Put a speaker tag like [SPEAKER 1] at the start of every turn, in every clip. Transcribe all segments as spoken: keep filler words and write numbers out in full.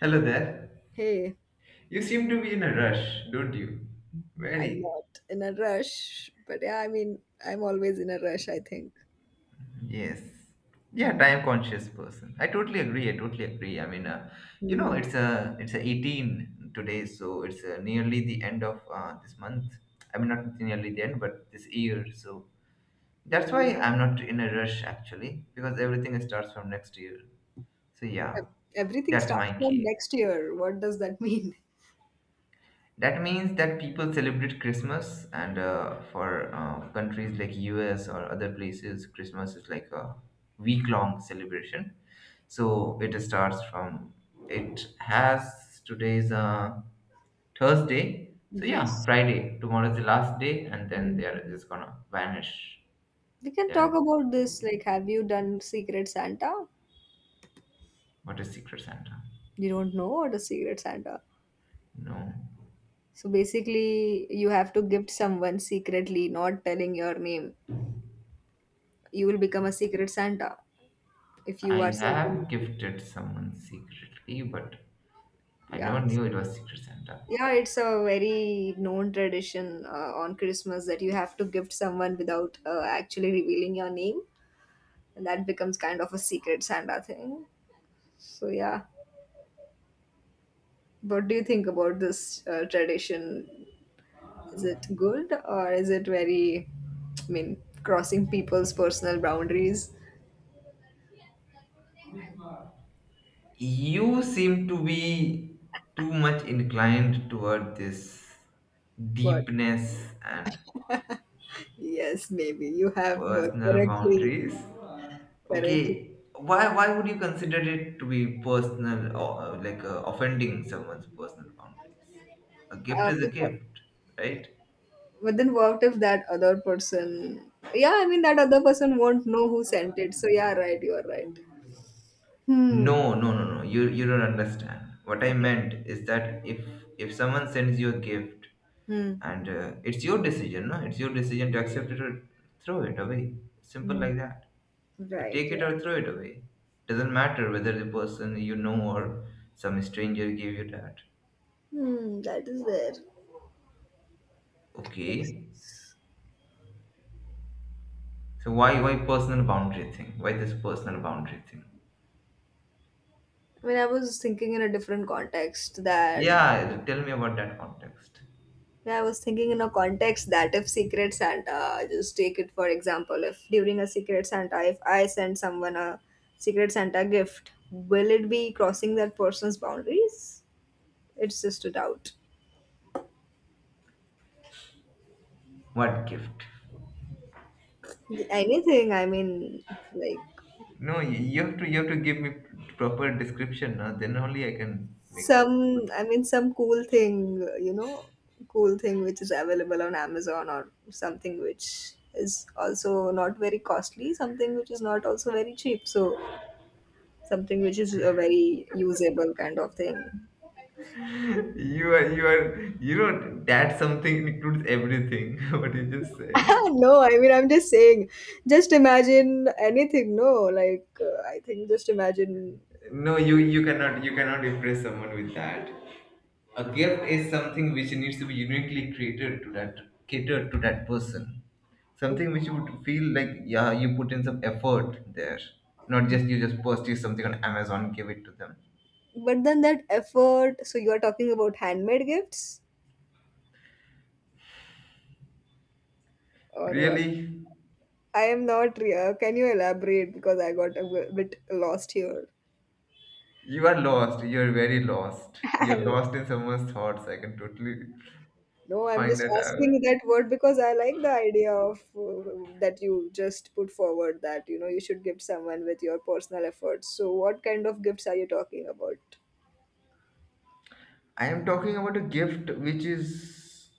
[SPEAKER 1] Hello there.
[SPEAKER 2] Hey,
[SPEAKER 1] You seem to be in a rush, don't you?
[SPEAKER 2] I'm
[SPEAKER 1] Very.
[SPEAKER 2] not in a rush, but yeah, I mean, I'm always in a rush, I think.
[SPEAKER 1] Yes. Yeah, time conscious person. I totally agree. I totally agree. I mean, uh, you know,
[SPEAKER 2] Mm-hmm.
[SPEAKER 1] it's a it's a eighteen today, so it's uh, nearly the end of uh, this month. I mean, not nearly the end, but this year. So that's
[SPEAKER 2] Yeah.
[SPEAKER 1] why I'm not in a rush actually, because everything starts from next year. So yeah,
[SPEAKER 2] Everything
[SPEAKER 1] that's
[SPEAKER 2] starts
[SPEAKER 1] my
[SPEAKER 2] from
[SPEAKER 1] key.
[SPEAKER 2] next year. What does that mean?
[SPEAKER 1] That means that people celebrate Christmas, and uh, for uh, countries like U S or other places, Christmas is like a week-long celebration. So it starts from, it has today's uh, Thursday. So yeah,
[SPEAKER 2] Yes.
[SPEAKER 1] Friday. Tomorrow is the last day, and then
[SPEAKER 2] Mm.
[SPEAKER 1] they are just gonna vanish.
[SPEAKER 2] We can talk
[SPEAKER 1] Yeah.
[SPEAKER 2] about this. Like, have you done Secret Santa?
[SPEAKER 1] What is Secret Santa?
[SPEAKER 2] You don't know what is Secret Santa.
[SPEAKER 1] No,
[SPEAKER 2] So basically, you have to gift someone secretly, not telling your name. You will become a Secret Santa if you
[SPEAKER 1] I
[SPEAKER 2] are sending.
[SPEAKER 1] have gifted someone secretly, but I
[SPEAKER 2] Yeah.
[SPEAKER 1] never knew it was Secret Santa.
[SPEAKER 2] Yeah, it's a very known tradition uh, on Christmas that you have to gift someone without uh, actually revealing your name, and that becomes kind of a secret Santa thing. So yeah, what do you think about this uh, tradition? Is it good or is it very, I mean, crossing people's personal boundaries?
[SPEAKER 1] You seem to be too much inclined toward this
[SPEAKER 2] What?
[SPEAKER 1] deepness and
[SPEAKER 2] Yes, maybe you have uh,
[SPEAKER 1] personal
[SPEAKER 2] correctly,
[SPEAKER 1] boundaries.
[SPEAKER 2] correctly.
[SPEAKER 1] Okay, why why would you consider it to be personal or uh, like uh, offending someone's personal boundaries? A gift
[SPEAKER 2] Uh,
[SPEAKER 1] is a
[SPEAKER 2] because
[SPEAKER 1] gift, right?
[SPEAKER 2] but then what if that other person? Yeah, I mean that other person won't know who sent it. So yeah, right, you are right. Hmm.
[SPEAKER 1] No, no, no, no. You you don't understand. What I
[SPEAKER 2] Okay.
[SPEAKER 1] meant is that if if someone sends you a gift
[SPEAKER 2] Hmm.
[SPEAKER 1] and uh, it's your decision, no, it's your decision to accept it or throw it away. Simple
[SPEAKER 2] Hmm.
[SPEAKER 1] like that. You
[SPEAKER 2] Right.
[SPEAKER 1] take
[SPEAKER 2] Yeah.
[SPEAKER 1] it or throw it away. Doesn't matter whether the person you know or some stranger gave you that.
[SPEAKER 2] Hmm. That is there. Makes
[SPEAKER 1] Okay.
[SPEAKER 2] sense.
[SPEAKER 1] So why why personal boundary thing, why this personal boundary thing?
[SPEAKER 2] I mean, I was thinking in a different context that.
[SPEAKER 1] Yeah, tell me about that context.
[SPEAKER 2] Yeah, I was thinking in a context that if Secret Santa, just take it for example, if during a Secret Santa, if I send someone a Secret Santa gift, will it be crossing that person's boundaries? It's just a doubt.
[SPEAKER 1] What gift?
[SPEAKER 2] Anything, I mean, like,
[SPEAKER 1] No, you you have to you have to give me proper description, no? Then only I can make a
[SPEAKER 2] some,
[SPEAKER 1] good…
[SPEAKER 2] I mean, some cool thing, uh, you know, cool thing which is available on Amazon or something which is also not very costly, something which is not also very cheap, so something which is a very usable kind of thing.
[SPEAKER 1] You are, you are, you know, that something includes everything, what you just said.
[SPEAKER 2] No, I mean, I'm just saying, just imagine anything, no, like uh, I think just imagine.
[SPEAKER 1] No, you, you cannot, you cannot impress someone with that. A gift is something which needs to be uniquely created to that, catered to that person.
[SPEAKER 2] Oh,
[SPEAKER 1] Something which you would feel like, yeah, you put in some effort there. Not just you just purchase something on Amazon, give it to them.
[SPEAKER 2] but then that effort, so you are talking about handmade gifts or what?
[SPEAKER 1] Really,
[SPEAKER 2] I am not real. Can you elaborate? Because I got a bit lost here.
[SPEAKER 1] you are lost. You are very lost. You are lost in someone's thoughts. I can totally
[SPEAKER 2] No, I'm
[SPEAKER 1] find
[SPEAKER 2] just
[SPEAKER 1] that out.
[SPEAKER 2] asking that word because I like the idea of uh, that you just put forward that you know you should gift someone with your personal efforts. So, what kind of gifts are you talking about?
[SPEAKER 1] I am talking about a gift which is,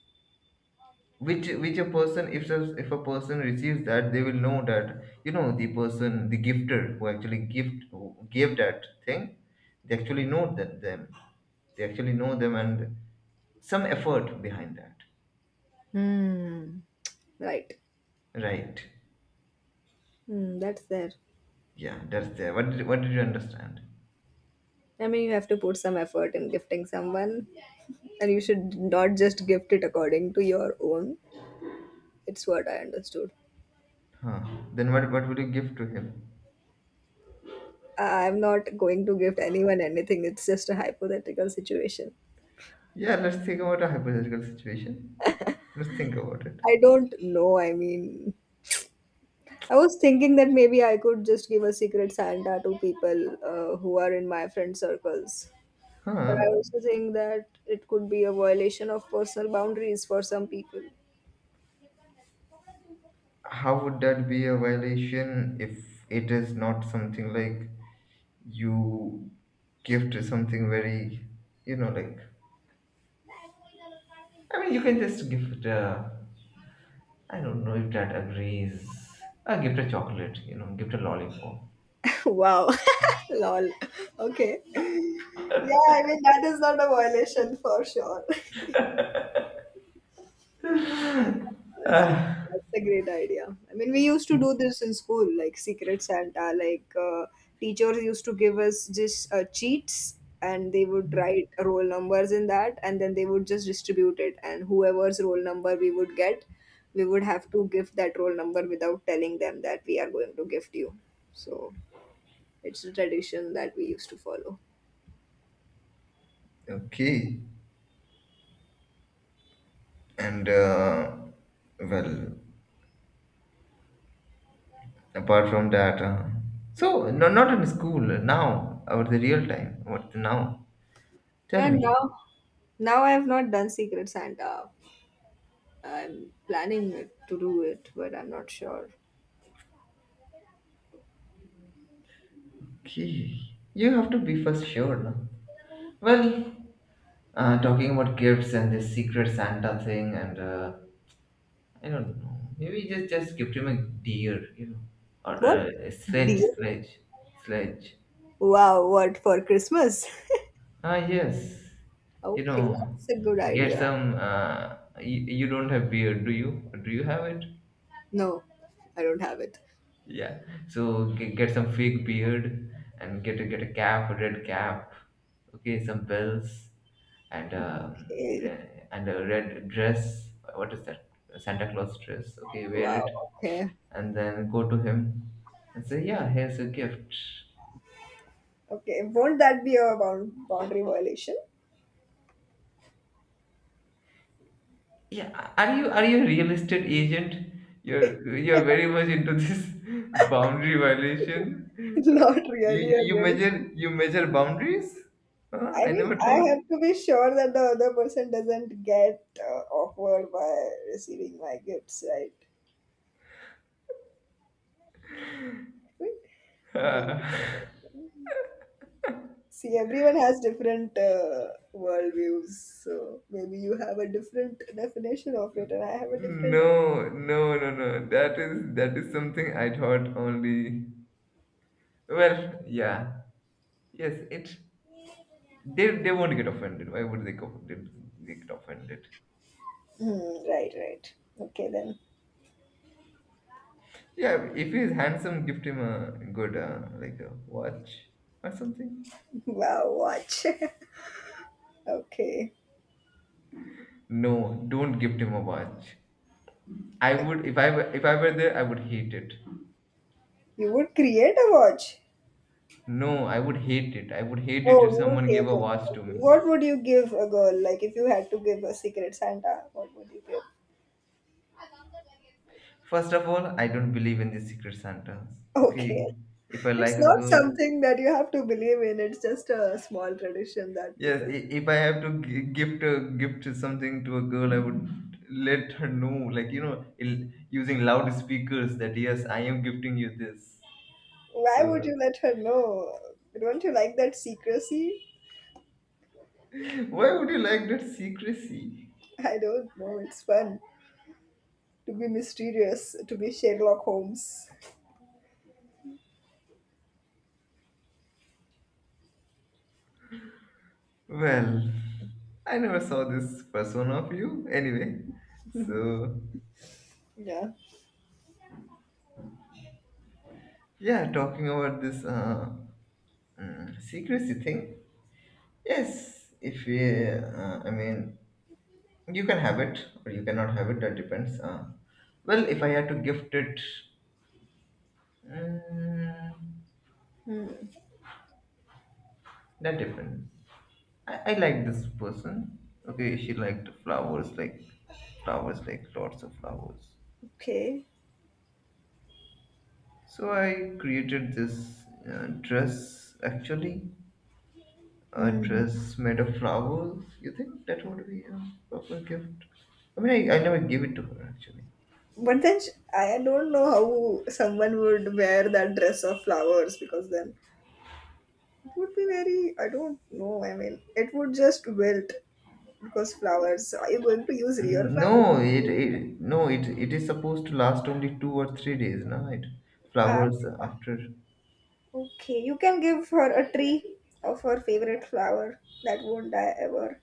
[SPEAKER 1] which which a person, if a, if a person receives that, they will know that, you know, the person, the gifter who actually gift, who gave that thing, they actually know that them, they actually know them, and some effort behind that,
[SPEAKER 2] Hmm. Right.
[SPEAKER 1] right?
[SPEAKER 2] Hmm, that's there.
[SPEAKER 1] Yeah, that's there. What did, what did you understand?
[SPEAKER 2] I mean, you have to put some effort in gifting someone, and you should not just gift it according to your own. It's what I understood.
[SPEAKER 1] Huh? Then what what would you give to him?
[SPEAKER 2] I'm not going to gift anyone anything. It's just a hypothetical situation.
[SPEAKER 1] Yeah, let's think about a hypothetical situation. Let's think about it.
[SPEAKER 2] I don't know. I mean, I was thinking that maybe I could just give a secret Santa to people uh, who are in my friend circles. But
[SPEAKER 1] Huh,
[SPEAKER 2] I also think that it could be a violation of personal boundaries for some people.
[SPEAKER 1] how would that be a violation if it is not something like you gift something very, you know, like, I mean, you can just gift uh, I don't know if that agrees, uh, gift a chocolate, you know, gift a lollipop.
[SPEAKER 2] Wow. Lol. Okay. Yeah, I mean, that is not a violation for sure. That's a, that's a great idea. I mean, we used to do this in school, like Secret Santa. Like uh, teachers used to give us just uh, cheats, and they would write roll numbers in that, and then they would just distribute it. And whoever's roll number we would get, we would have to give that roll number without telling them that we are going to gift you. So it's a tradition that we used to follow.
[SPEAKER 1] Okay, and uh, well, apart from that, uh, so no, not in school now, or the real time, what now,
[SPEAKER 2] Yeah,
[SPEAKER 1] tell
[SPEAKER 2] and
[SPEAKER 1] me.
[SPEAKER 2] now now I have not done Secret Santa. I'm planning it- to do it, but I'm not sure.
[SPEAKER 1] Okay, you have to be first sure, no? Well, Uh, talking about gifts and this secret Santa thing, and uh, I don't know. Maybe just just gift him a deer, you know, or
[SPEAKER 2] What?
[SPEAKER 1] uh, a sledge,
[SPEAKER 2] Deal?
[SPEAKER 1] sledge, sledge.
[SPEAKER 2] Wow, what for Christmas?
[SPEAKER 1] Ah, yes. You
[SPEAKER 2] Okay,
[SPEAKER 1] know,
[SPEAKER 2] that's a good
[SPEAKER 1] get
[SPEAKER 2] idea.
[SPEAKER 1] some. Uh, you, you don't have beard, do you? Do you have it?
[SPEAKER 2] No, I don't have it.
[SPEAKER 1] Yeah. So g- get some fake beard and get a, get a cap, a red cap. Okay, some bells and um,
[SPEAKER 2] Okay.
[SPEAKER 1] eh, and a red dress. What is that? A Santa Claus dress. Okay, wear
[SPEAKER 2] Wow,
[SPEAKER 1] it
[SPEAKER 2] okay.
[SPEAKER 1] and then go to him and say, "Yeah, here's a gift."
[SPEAKER 2] Okay, won't that be a bound- boundary violation?
[SPEAKER 1] Yeah, are you are you a real estate agent? You're you're very much into this boundary violation.
[SPEAKER 2] Not
[SPEAKER 1] You
[SPEAKER 2] really a
[SPEAKER 1] you
[SPEAKER 2] realistic.
[SPEAKER 1] measure, you measure boundaries? Huh?
[SPEAKER 2] I
[SPEAKER 1] I
[SPEAKER 2] mean,
[SPEAKER 1] never
[SPEAKER 2] I
[SPEAKER 1] thought.
[SPEAKER 2] have to be sure that the other person doesn't get uh, awkward by receiving my gifts, right? I mean, maybe. See, everyone has different uh, worldviews, so maybe you have a different definition of it, and I have a different. Def-
[SPEAKER 1] No, no, no, no. That is that is something I thought only. Well, yeah, yes. It they they won't get offended. Why would they go? They, they get offended?
[SPEAKER 2] Hmm, right, right. Okay, then.
[SPEAKER 1] Yeah, if he's handsome, gift him a good uh, like a watch or something.
[SPEAKER 2] Wow, watch. Okay.
[SPEAKER 1] No, don't gift him a watch. I would, if I were- if I were there, I would hate it.
[SPEAKER 2] You would create a watch.
[SPEAKER 1] No, I would hate it. I would hate it
[SPEAKER 2] Oh,
[SPEAKER 1] if
[SPEAKER 2] you would
[SPEAKER 1] someone gave
[SPEAKER 2] hate
[SPEAKER 1] a
[SPEAKER 2] it.
[SPEAKER 1] watch to
[SPEAKER 2] Okay.
[SPEAKER 1] me.
[SPEAKER 2] What would you give a girl? Like, if you had to give a secret Santa, what would you give?
[SPEAKER 1] First of all, I don't believe in the secret Santas.
[SPEAKER 2] Okay.
[SPEAKER 1] Okay, if I like
[SPEAKER 2] It's
[SPEAKER 1] a
[SPEAKER 2] not
[SPEAKER 1] girl,
[SPEAKER 2] something that you have to believe in, it's just a small tradition that
[SPEAKER 1] yes,
[SPEAKER 2] people.
[SPEAKER 1] i- if I have to gi- gift a gift something to a girl, I would let her know, like, you know, il- using loudspeakers that yes, I am gifting you this.
[SPEAKER 2] Why would
[SPEAKER 1] So
[SPEAKER 2] you let her know? Don't you like that secrecy?
[SPEAKER 1] why would you like that secrecy?
[SPEAKER 2] I don't know. It's fun to be mysterious, to be Sherlock Holmes.
[SPEAKER 1] Well, I never saw this persona of you anyway. So
[SPEAKER 2] Yeah.
[SPEAKER 1] yeah, talking about this uh, mm, secrecy thing. Yes, if we, uh, I mean, you can have it or you cannot have it. That depends. Uh, well, if I had to gift it, Mm,
[SPEAKER 2] Hmm.
[SPEAKER 1] that depends. I, I like this person. Okay, she liked flowers, like flowers, like lots of flowers.
[SPEAKER 2] Okay.
[SPEAKER 1] So I created this uh, dress actually, a
[SPEAKER 2] Hmm.
[SPEAKER 1] dress made of flowers. You think that would be a proper gift? I mean, I, I never gave it to her actually.
[SPEAKER 2] But then sh- I don't know how someone would wear that dress of flowers because then it would be very, I don't know. I mean, it would just wilt because flowers. Are you going to use real
[SPEAKER 1] Mm,
[SPEAKER 2] flowers?
[SPEAKER 1] no, it, it, no, it it is supposed to last only two or three days, no? It
[SPEAKER 2] Ah,
[SPEAKER 1] flowers after…
[SPEAKER 2] okay, you can give her a tree of her favorite flower that won't die ever.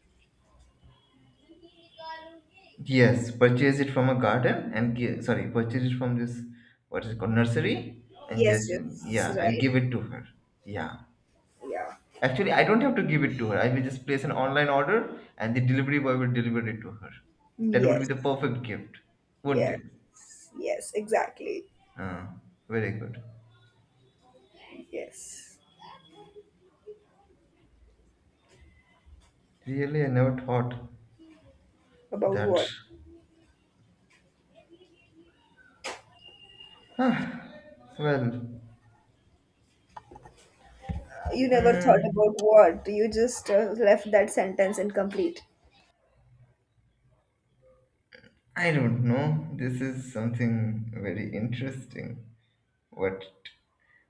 [SPEAKER 1] Yes, purchase it from a garden and give, sorry, purchase it from this, what is it called, nursery, and
[SPEAKER 2] Yes,
[SPEAKER 1] just,
[SPEAKER 2] yes,
[SPEAKER 1] yeah, and
[SPEAKER 2] right.
[SPEAKER 1] give it to her. Yeah.
[SPEAKER 2] Yeah.
[SPEAKER 1] Actually, I don't have to give it to her. I will just place an online order and the delivery boy will deliver it to her. That would be
[SPEAKER 2] Yes,
[SPEAKER 1] the perfect gift, wouldn't
[SPEAKER 2] yes,
[SPEAKER 1] it?
[SPEAKER 2] yes, exactly.
[SPEAKER 1] Ah, very good.
[SPEAKER 2] Yes.
[SPEAKER 1] Really, I never thought
[SPEAKER 2] About
[SPEAKER 1] that.
[SPEAKER 2] what?
[SPEAKER 1] Well,
[SPEAKER 2] You never thought about
[SPEAKER 1] mm,
[SPEAKER 2] what. You just uh, left that sentence incomplete.
[SPEAKER 1] I don't know. This is something very interesting. What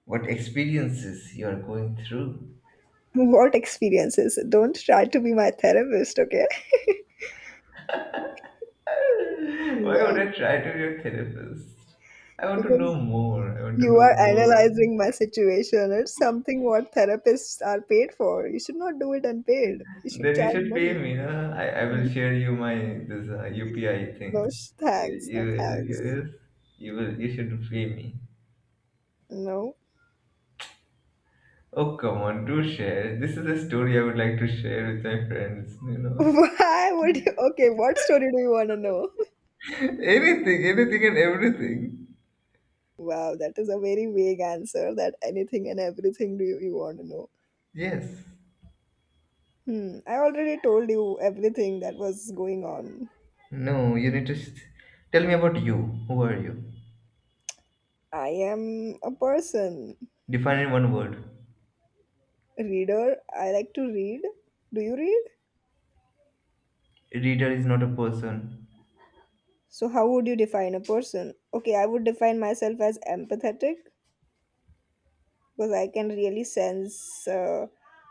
[SPEAKER 1] what experiences you are going through?
[SPEAKER 2] What experiences? Don't try to be my therapist, okay?
[SPEAKER 1] Why would
[SPEAKER 2] Yeah.
[SPEAKER 1] I try to be a therapist? I want to know
[SPEAKER 2] Because
[SPEAKER 1] more. I want to
[SPEAKER 2] you are
[SPEAKER 1] know more.
[SPEAKER 2] analyzing my situation. It's something what therapists are paid for. You should not do it unpaid. You should
[SPEAKER 1] Then you
[SPEAKER 2] charge
[SPEAKER 1] should pay
[SPEAKER 2] money.
[SPEAKER 1] me. Huh? I, I will
[SPEAKER 2] Mm.
[SPEAKER 1] share you my this uh, U P I
[SPEAKER 2] No
[SPEAKER 1] thing.
[SPEAKER 2] sh-
[SPEAKER 1] You,
[SPEAKER 2] thanks.
[SPEAKER 1] you,
[SPEAKER 2] No thanks.
[SPEAKER 1] you, you will you should pay me.
[SPEAKER 2] No.
[SPEAKER 1] Oh come on, do share. This is a story I would like to share with my friends. You know,
[SPEAKER 2] Why would you? Okay, what story do you want to know?
[SPEAKER 1] anything, anything, and everything.
[SPEAKER 2] Wow, that is a very vague answer. That anything and everything do you, you want to know?
[SPEAKER 1] Yes.
[SPEAKER 2] Hmm. I already told you everything that was going on.
[SPEAKER 1] No, you need to s tell me about you. Who are you?
[SPEAKER 2] I am a person
[SPEAKER 1] Define in one word.
[SPEAKER 2] reader. I like to read. Do you read?
[SPEAKER 1] Reader is not a person.
[SPEAKER 2] So, how would you define a person? Okay, I would define myself as empathetic because I can really sense uh,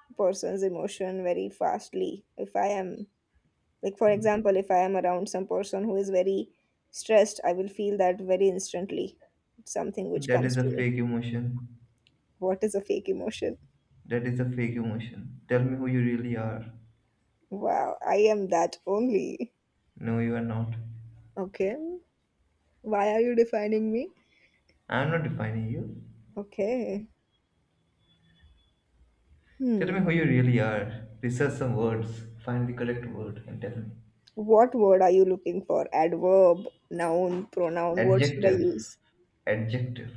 [SPEAKER 2] a person's emotion very fastly. If I am, like, for example, if I am around some person who is very stressed, I will feel that very instantly. It's something which
[SPEAKER 1] That
[SPEAKER 2] comes
[SPEAKER 1] is a
[SPEAKER 2] to me.
[SPEAKER 1] fake emotion.
[SPEAKER 2] What is a fake emotion?
[SPEAKER 1] That is a fake emotion. Tell me who you really are.
[SPEAKER 2] Wow, I am that only.
[SPEAKER 1] No, you are not.
[SPEAKER 2] Okay. Why are you defining me?
[SPEAKER 1] I am not defining you.
[SPEAKER 2] Okay.
[SPEAKER 1] Tell me
[SPEAKER 2] Hmm.
[SPEAKER 1] who you really are. Research some words. Find the correct word and tell me.
[SPEAKER 2] What word are you looking for? Adverb, noun, pronoun. What should I
[SPEAKER 1] Adjective.
[SPEAKER 2] use?
[SPEAKER 1] Adjective.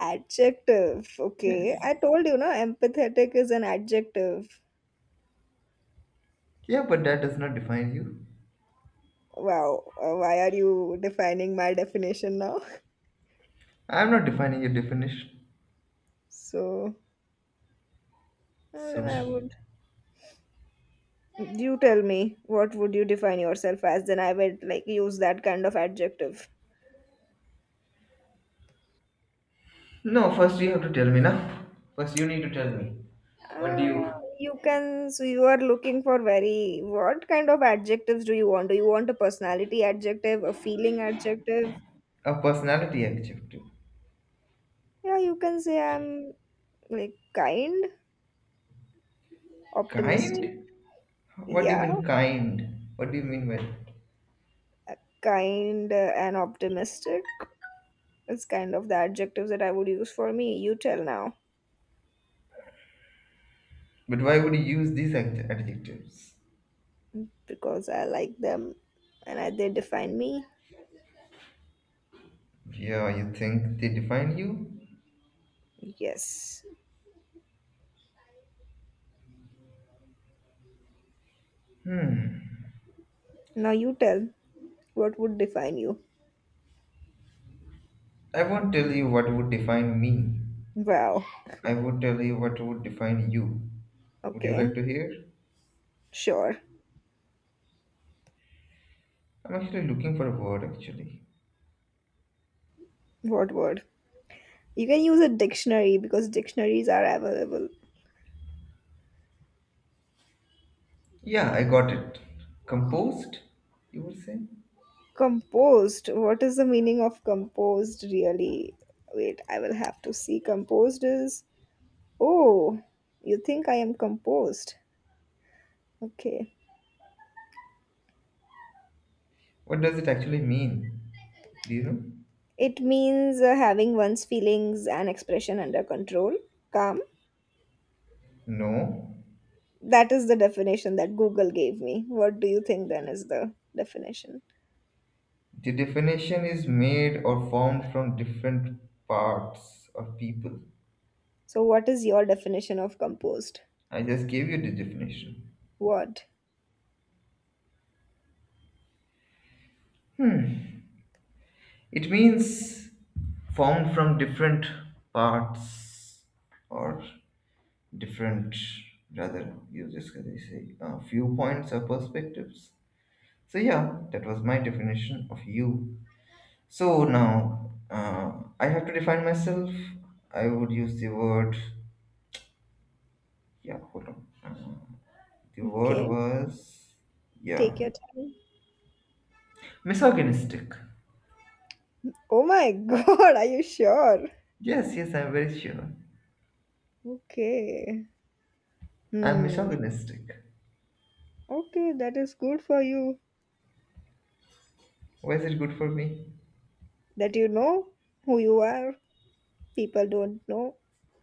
[SPEAKER 2] Adjective.
[SPEAKER 1] Yes.
[SPEAKER 2] Okay. I told you, no, empathetic is an adjective.
[SPEAKER 1] Yeah, but that does not define you.
[SPEAKER 2] Wow. uh, why are you defining my definition now?
[SPEAKER 1] I am not defining your definition.
[SPEAKER 2] So, uh, then
[SPEAKER 1] So.
[SPEAKER 2] I would. You tell me, what would you define yourself as? Then I would like use that kind of adjective.
[SPEAKER 1] No, first you have to tell me now. First you need to tell me. What do
[SPEAKER 2] Uh,
[SPEAKER 1] you…
[SPEAKER 2] you can. So you are looking for very. What kind of adjectives do you want? Do you want a personality adjective, a feeling adjective?
[SPEAKER 1] A personality adjective.
[SPEAKER 2] Yeah, you can say I'm like kind, optimistic.
[SPEAKER 1] Kind? What do you
[SPEAKER 2] Yeah,
[SPEAKER 1] mean kind? What do you mean by that?
[SPEAKER 2] uh, kind uh, and optimistic is kind of the adjectives that I would use for me. You tell now
[SPEAKER 1] But why would you use these ad- adjectives?
[SPEAKER 2] because I like them and I, they define me.
[SPEAKER 1] Yeah, you think they define you?
[SPEAKER 2] Yes. Now you tell what would define you.
[SPEAKER 1] I won't tell you what would define me.
[SPEAKER 2] Wow.
[SPEAKER 1] I would tell you what would define you. Would you like
[SPEAKER 2] Okay.
[SPEAKER 1] to hear?
[SPEAKER 2] Sure.
[SPEAKER 1] I'm actually looking for a word actually.
[SPEAKER 2] What word? You can use a dictionary because dictionaries are available.
[SPEAKER 1] Yeah, I got it. Composed, you would say?
[SPEAKER 2] Composed. What is the meaning of composed, really? Wait, I will have to see. Composed is. Oh, you think I am composed. Okay.
[SPEAKER 1] What does it actually mean? Do you know?
[SPEAKER 2] It means uh, having one's feelings and expression under control, calm.
[SPEAKER 1] No.
[SPEAKER 2] That is the definition that Google gave me. What do you think then is the definition?
[SPEAKER 1] The definition is made or formed from different parts of people.
[SPEAKER 2] So, what is your definition of composed?
[SPEAKER 1] I just gave you the definition.
[SPEAKER 2] What?
[SPEAKER 1] It means found from different parts, or different, rather, you just can say uh, viewpoints or perspectives. So, yeah, that was my definition of you. So, now uh, I have to define myself. I would use the word, yeah, hold on. Uh, the word
[SPEAKER 2] Okay,
[SPEAKER 1] was,
[SPEAKER 2] take
[SPEAKER 1] yeah,
[SPEAKER 2] your time.
[SPEAKER 1] misogynistic.
[SPEAKER 2] Oh my god, are you sure?
[SPEAKER 1] Yes, yes, I'm very sure.
[SPEAKER 2] Okay.
[SPEAKER 1] I'm
[SPEAKER 2] Hmm.
[SPEAKER 1] misogynistic.
[SPEAKER 2] Okay, that is good for you
[SPEAKER 1] Why is it good for me?
[SPEAKER 2] that you know who you are. People don't know.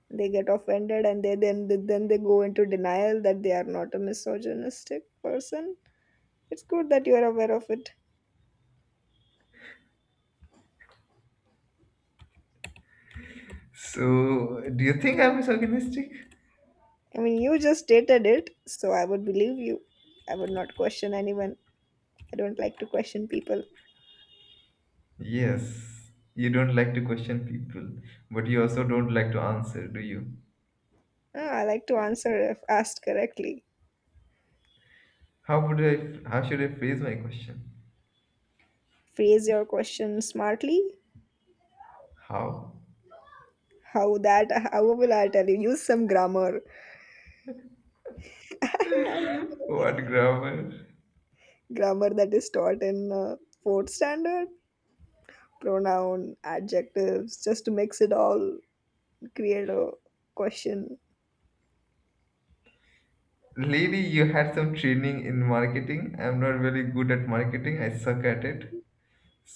[SPEAKER 2] They get offended and they then then they go into denial that they are not a misogynistic person. It's good that you are aware of it.
[SPEAKER 1] So, do you think I am misogynistic?
[SPEAKER 2] I mean, you just stated it, so I would believe you. I would not question anyone. I don't like to question people.
[SPEAKER 1] Yes. You don't like to question people, but you also don't like to answer, do you?
[SPEAKER 2] Ah, I like to answer if asked correctly.
[SPEAKER 1] How would I, how should I phrase my question?
[SPEAKER 2] Phrase your question smartly.
[SPEAKER 1] How?
[SPEAKER 2] How that? How will I tell you? Use some grammar. I don't know.
[SPEAKER 1] What grammar?
[SPEAKER 2] Grammar that is taught in uh, fourth standard, pronoun adjectives, just to mix it all, create a question.
[SPEAKER 1] Lady, you had some training in marketing. I'm not very good at marketing. I suck at it.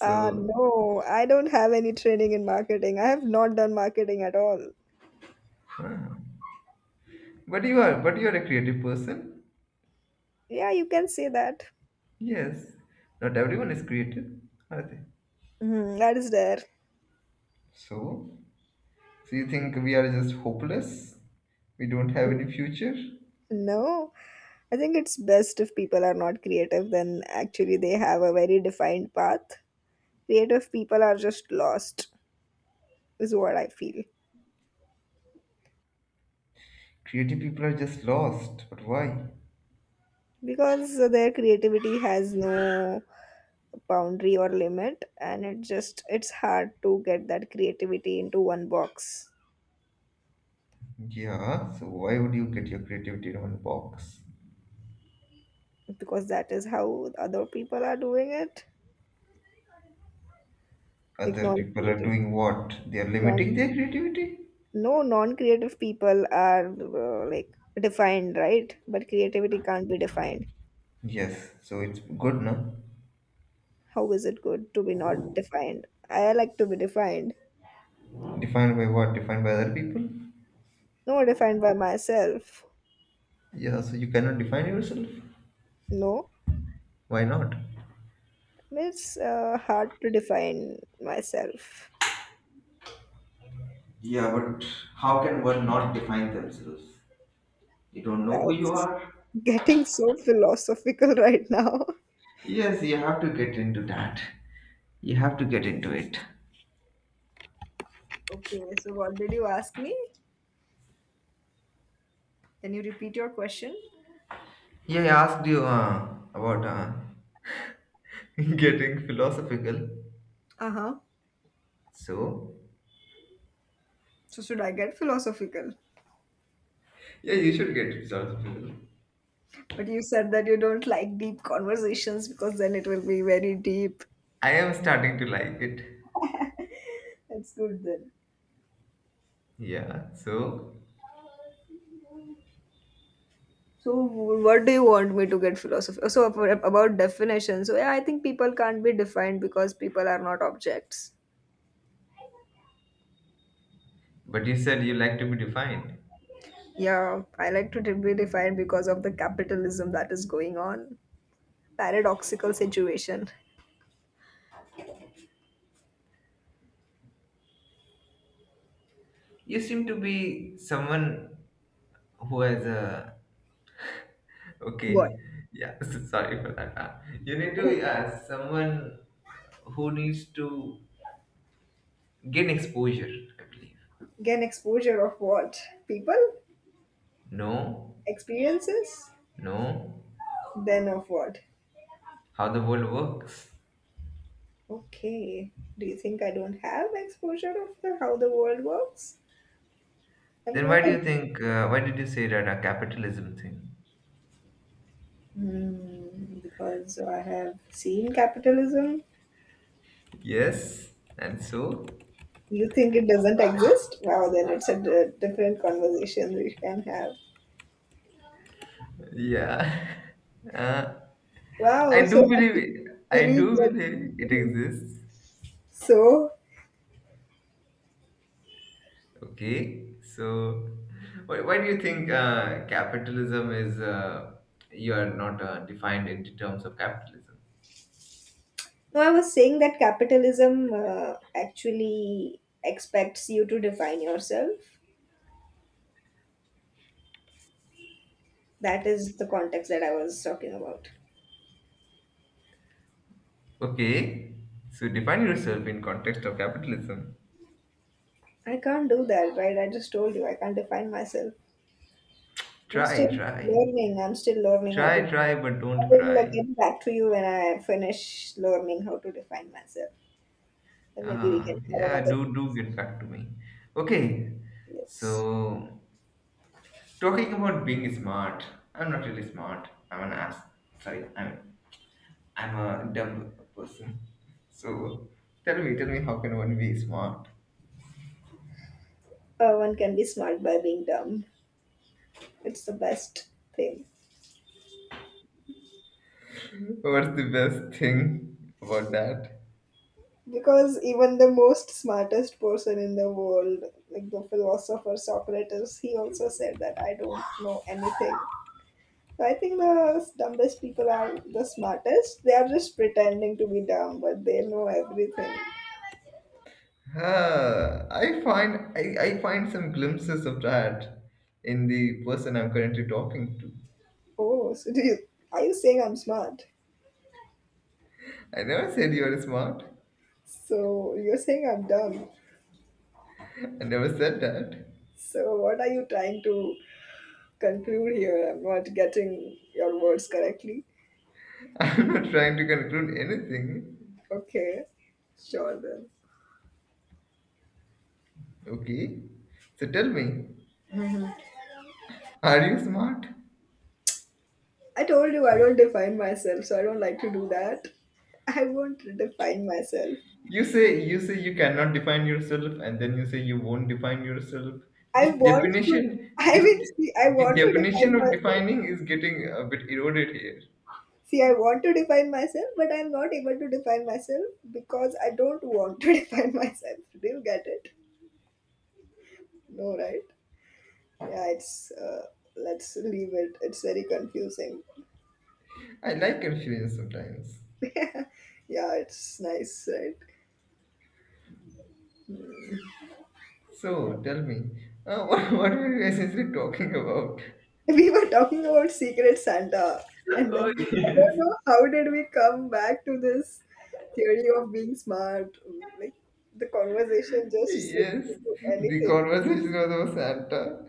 [SPEAKER 2] Uh no, I don't have any training in marketing, I have not done marketing at all.
[SPEAKER 1] but you are, but you are a creative person.
[SPEAKER 2] Yeah, you can say that.
[SPEAKER 1] Yes. Not everyone is creative, are they?
[SPEAKER 2] Mhm, that is there.
[SPEAKER 1] So? So you think we are just hopeless? We don't have any future?
[SPEAKER 2] No, I think it's best if people are not creative, then actually they have a very defined path. Creative people are just lost is what I feel.
[SPEAKER 1] Creative people are just lost. But why?
[SPEAKER 2] Because their creativity has no boundary or limit and it just, it's hard to get that creativity into one box.
[SPEAKER 1] Yeah, so why would you get your creativity in one box?
[SPEAKER 2] Because that is how other people are doing it. Like
[SPEAKER 1] Other people are
[SPEAKER 2] non-creative,
[SPEAKER 1] doing what? They are
[SPEAKER 2] non,
[SPEAKER 1] limiting their creativity?
[SPEAKER 2] no, non-creative people are uh, like defined, right, but creativity can't be defined.
[SPEAKER 1] Yes, so it's good, no?
[SPEAKER 2] How is it good to be not defined, I like to be defined.
[SPEAKER 1] Defined by what? Defined by other people?
[SPEAKER 2] No, defined by myself.
[SPEAKER 1] Yeah, so you cannot define yourself?
[SPEAKER 2] No,
[SPEAKER 1] Why not?
[SPEAKER 2] it's uh, hard to define myself.
[SPEAKER 1] Yeah, but how can one not define themselves? You don't know
[SPEAKER 2] Wow,
[SPEAKER 1] who you are?
[SPEAKER 2] getting so philosophical right now.
[SPEAKER 1] Yes, you have to get into that. You have to get into it.
[SPEAKER 2] Okay, so what did you ask me? Can you repeat your question?
[SPEAKER 1] Yeah, I asked you uh, about uh, getting philosophical.
[SPEAKER 2] Uh huh.
[SPEAKER 1] So,
[SPEAKER 2] So, should I get philosophical?
[SPEAKER 1] yeah, you should get philosophical.
[SPEAKER 2] But you said that you don't like deep conversations because then it will be very deep.
[SPEAKER 1] I am starting to like it.
[SPEAKER 2] That's good then.
[SPEAKER 1] Yeah, so,
[SPEAKER 2] So, what do you want me to get philosophical? So, ab- about definitions. So, yeah, I think people can't be defined because people are not objects.
[SPEAKER 1] but you said you like to be defined.
[SPEAKER 2] Yeah, I like to be defined because of the capitalism that is going on. Paradoxical situation.
[SPEAKER 1] You seem to be someone who has a… Okay,
[SPEAKER 2] What?
[SPEAKER 1] yeah, so sorry for that. Uh, you need to
[SPEAKER 2] Who.
[SPEAKER 1] be uh, someone who needs to gain exposure, I believe.
[SPEAKER 2] Gain exposure of what? People?
[SPEAKER 1] No,
[SPEAKER 2] Experiences?
[SPEAKER 1] no,
[SPEAKER 2] Then of what?
[SPEAKER 1] how the world works.
[SPEAKER 2] Okay. Do you think I don't have exposure of the, how the world works? I'm
[SPEAKER 1] Then
[SPEAKER 2] not
[SPEAKER 1] why do
[SPEAKER 2] a.
[SPEAKER 1] you think, uh, why did you say that a capitalism thing?
[SPEAKER 2] Hmm, because I have seen capitalism.
[SPEAKER 1] Yes, and so,
[SPEAKER 2] You think it doesn't exist? Wow, then it's a d- different conversation we can have.
[SPEAKER 1] yeah. Uh,
[SPEAKER 2] Wow,
[SPEAKER 1] I
[SPEAKER 2] so
[SPEAKER 1] do
[SPEAKER 2] I
[SPEAKER 1] believe
[SPEAKER 2] can
[SPEAKER 1] it. I
[SPEAKER 2] believe
[SPEAKER 1] do
[SPEAKER 2] that.
[SPEAKER 1] believe it exists.
[SPEAKER 2] So
[SPEAKER 1] Okay, so why, why do you think uh, capitalism is, uh, you are not uh, defined in terms of capitalism?
[SPEAKER 2] no, I was saying that capitalism uh, actually expects you to define yourself. That is the context that I was talking about.
[SPEAKER 1] Okay, so define yourself in context of capitalism.
[SPEAKER 2] I can't do that, right? I just told you I can't define myself. I'm still
[SPEAKER 1] Try, try.
[SPEAKER 2] learning. I'm still learning how to.
[SPEAKER 1] Try, try, but
[SPEAKER 2] I
[SPEAKER 1] don't
[SPEAKER 2] will uh,
[SPEAKER 1] cry.
[SPEAKER 2] get back to you when I finish learning how to define myself. Then maybe we
[SPEAKER 1] Uh,
[SPEAKER 2] can have
[SPEAKER 1] yeah,
[SPEAKER 2] another
[SPEAKER 1] do do get
[SPEAKER 2] conversation.
[SPEAKER 1] back to me. Okay,
[SPEAKER 2] Yes.
[SPEAKER 1] so talking about being smart, I'm not really smart. I'm an ass. Sorry, I'm I'm a dumb person. So tell me, tell me, how can one be smart?
[SPEAKER 2] Uh, one can be smart by being dumb. It's the best thing.
[SPEAKER 1] What's the best thing about that?
[SPEAKER 2] Because even the most smartest person in the world, like the philosopher Socrates, he also said that I don't know anything. So I think the dumbest people are the smartest. They are just pretending to be dumb, but they know everything.
[SPEAKER 1] Uh, I find I, I find some glimpses of that in the person I'm currently talking to.
[SPEAKER 2] Oh, so do you, are you saying I'm smart?
[SPEAKER 1] I never said you are smart.
[SPEAKER 2] So you're saying I'm dumb.
[SPEAKER 1] I never said that.
[SPEAKER 2] So what are you trying to conclude here? I'm not getting your words correctly.
[SPEAKER 1] I'm not trying to conclude anything.
[SPEAKER 2] Okay, sure then.
[SPEAKER 1] Okay. So tell me, are you smart?
[SPEAKER 2] I told you I don't define myself, so I don't like to do that. I won't define myself.
[SPEAKER 1] You say you say you cannot define yourself and then you say you won't define yourself.
[SPEAKER 2] I
[SPEAKER 1] This
[SPEAKER 2] want to.
[SPEAKER 1] definition
[SPEAKER 2] I
[SPEAKER 1] this
[SPEAKER 2] mean,
[SPEAKER 1] de-
[SPEAKER 2] see, I
[SPEAKER 1] The
[SPEAKER 2] want to
[SPEAKER 1] definition
[SPEAKER 2] define
[SPEAKER 1] of
[SPEAKER 2] myself.
[SPEAKER 1] defining is getting a bit eroded here.
[SPEAKER 2] See, I want to define myself, but I'm not able to define myself because I don't want to define myself. Do you get it? No, right? Yeah, it's. Uh, let's leave it. It's very confusing.
[SPEAKER 1] I like confusion sometimes.
[SPEAKER 2] Yeah, it's nice, right?
[SPEAKER 1] So tell me, uh, what, what were you essentially talking about?
[SPEAKER 2] We were talking about Secret Santa, and
[SPEAKER 1] Oh
[SPEAKER 2] then I
[SPEAKER 1] yes.
[SPEAKER 2] don't know how did we come back to this theory of being smart. Like the conversation just slipped
[SPEAKER 1] Yes,
[SPEAKER 2] into
[SPEAKER 1] the
[SPEAKER 2] anything.
[SPEAKER 1] conversation was about Santa.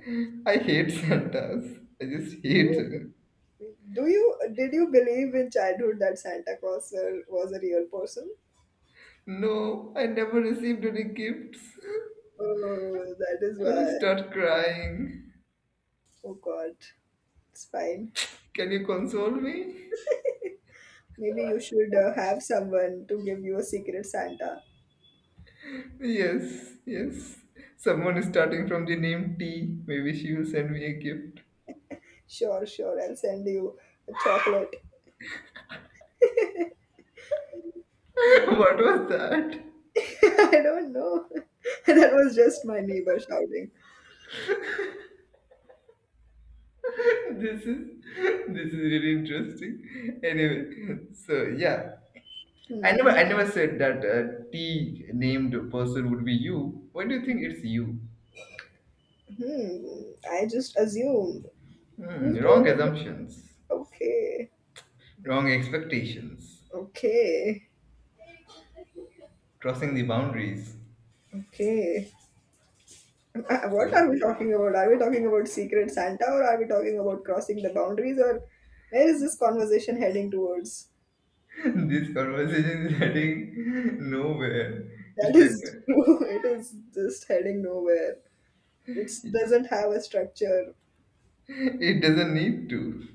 [SPEAKER 1] I hate Santas. I just hate
[SPEAKER 2] Oh,
[SPEAKER 1] it.
[SPEAKER 2] do you did you believe in childhood that Santa Claus uh, was a real person?
[SPEAKER 1] No, I never received any gifts.
[SPEAKER 2] Oh, that is
[SPEAKER 1] I will
[SPEAKER 2] why.
[SPEAKER 1] start crying.
[SPEAKER 2] Oh God, it's fine.
[SPEAKER 1] Can you console me?
[SPEAKER 2] Maybe you should uh, have someone to give you a Secret Santa.
[SPEAKER 1] Yes, yes. Someone is starting from the name T. Maybe she will send me a gift.
[SPEAKER 2] Sure, sure. I'll send you a chocolate.
[SPEAKER 1] What was that?
[SPEAKER 2] I don't know. That was just my neighbor shouting.
[SPEAKER 1] This is this is really interesting. Anyway, so yeah. I never,
[SPEAKER 2] Hmm.
[SPEAKER 1] I never said that a T named person would be you. Why do you think it's you?
[SPEAKER 2] Hmm. I just assumed.
[SPEAKER 1] Hmm,
[SPEAKER 2] Who told
[SPEAKER 1] wrong
[SPEAKER 2] you?
[SPEAKER 1] assumptions,
[SPEAKER 2] Okay.
[SPEAKER 1] wrong expectations,
[SPEAKER 2] Okay.
[SPEAKER 1] crossing the boundaries.
[SPEAKER 2] Okay. Uh, What are
[SPEAKER 1] So
[SPEAKER 2] we talking about? Are we talking about Secret Santa or are we talking about crossing the boundaries or where is this conversation heading towards?
[SPEAKER 1] this conversation is heading nowhere.
[SPEAKER 2] That
[SPEAKER 1] It's like
[SPEAKER 2] is true. It is just heading nowhere. It doesn't have a structure.
[SPEAKER 1] it doesn't need to.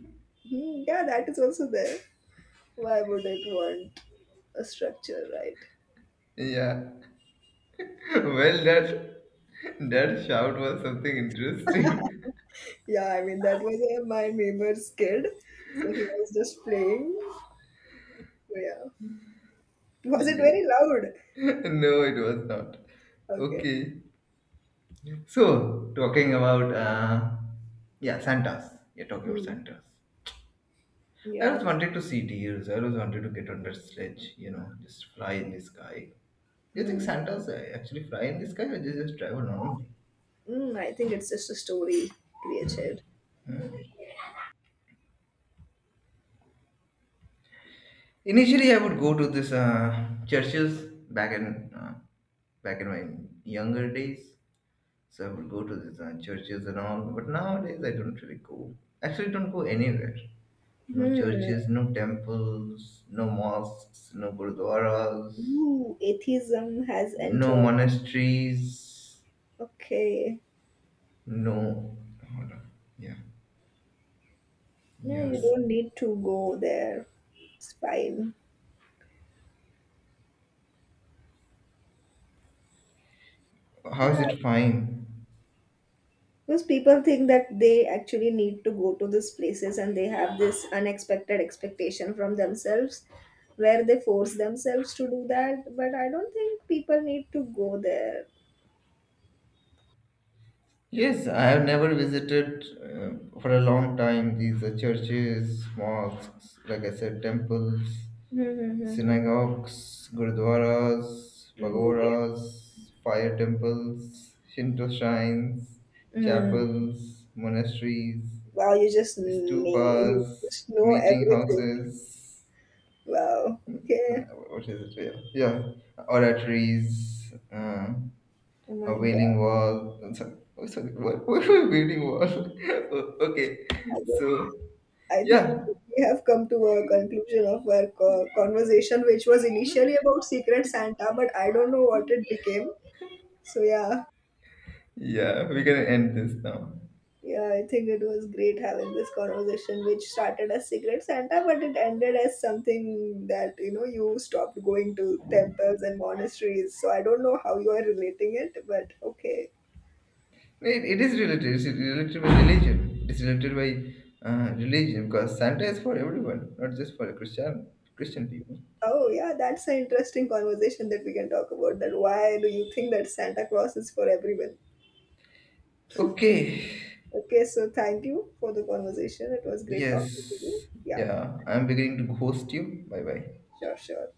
[SPEAKER 2] Hmm, yeah, that is also there. Why would it want a structure, right?
[SPEAKER 1] Yeah. Well, that that shout was something interesting.
[SPEAKER 2] Yeah, I mean that was uh, my neighbor's kid, so he was just playing. So, yeah, was it
[SPEAKER 1] Yeah.
[SPEAKER 2] very loud?
[SPEAKER 1] No, it was not.
[SPEAKER 2] Okay.
[SPEAKER 1] Okay. So, talking about uh, yeah, Santas. Yeah, talking about
[SPEAKER 2] Hmm.
[SPEAKER 1] Santas. I
[SPEAKER 2] Yeah.
[SPEAKER 1] always wanted to see deers. I always wanted to get on that sledge. You know, just fly in the sky. Do you think
[SPEAKER 2] Hmm.
[SPEAKER 1] Santas uh, actually fly in the sky or they just travel normally?
[SPEAKER 2] Mm, I think it's just a story created.
[SPEAKER 1] Initially, I would go to this uh, churches back in uh, back in my younger days. So I would go to these uh, churches and all. But nowadays, I don't really go. Actually, don't go anywhere. No churches,
[SPEAKER 2] Hmm.
[SPEAKER 1] no temples, no mosques, no gurdwaras,
[SPEAKER 2] Ooh, atheism has
[SPEAKER 1] no
[SPEAKER 2] entered.
[SPEAKER 1] monasteries,
[SPEAKER 2] Okay.
[SPEAKER 1] no. Hold on. Yeah.
[SPEAKER 2] Yeah, you
[SPEAKER 1] Yes.
[SPEAKER 2] don't need to go there. It's fine. So,
[SPEAKER 1] How is
[SPEAKER 2] yeah,
[SPEAKER 1] it fine?
[SPEAKER 2] because people think that they actually need to go to these places and they have this unexpected expectation from themselves where they force themselves to do that. But I don't think people need to go there.
[SPEAKER 1] Yes, I have never visited uh, for a long time these uh, churches, mosques, like I said, temples,
[SPEAKER 2] Mm-hmm.
[SPEAKER 1] synagogues, gurdwaras,
[SPEAKER 2] Mm, yeah.
[SPEAKER 1] pagodas, fire temples, Shinto shrines,
[SPEAKER 2] Mm.
[SPEAKER 1] chapels, monasteries,
[SPEAKER 2] Wow, you just may you
[SPEAKER 1] stupas,
[SPEAKER 2] just know
[SPEAKER 1] meeting
[SPEAKER 2] everything.
[SPEAKER 1] houses,
[SPEAKER 2] Wow.
[SPEAKER 1] no,
[SPEAKER 2] Okay.
[SPEAKER 1] what is it? Yeah, yeah, oratories, uh,
[SPEAKER 2] Oh
[SPEAKER 1] a
[SPEAKER 2] my God.
[SPEAKER 1] wailing wall. I'm sorry, oh, sorry. What, what a wailing wall? O- okay,
[SPEAKER 2] I don't,
[SPEAKER 1] so
[SPEAKER 2] I think
[SPEAKER 1] yeah,
[SPEAKER 2] we have come to a conclusion of our co- conversation, which was initially about Secret Santa, but I don't know what it became. So yeah,
[SPEAKER 1] yeah, we can end this now.
[SPEAKER 2] yeah, I think it was great having this conversation, which started as Secret Santa, but it ended as something that you know you stopped going to temples and monasteries. So I don't know how you are relating it, but okay.
[SPEAKER 1] It, it is related. It's related by religion. It's related by uh, religion because Santa is for everyone, not just for the Christian Christian people.
[SPEAKER 2] Oh yeah, that's an interesting conversation that we can talk about. That why do you think that Santa Claus is for everyone?
[SPEAKER 1] Okay.
[SPEAKER 2] Okay, so thank you for the conversation. It was great talking to you.
[SPEAKER 1] Yes.
[SPEAKER 2] Yeah,
[SPEAKER 1] Yeah, I'm beginning to ghost you. Bye bye.
[SPEAKER 2] sure, sure.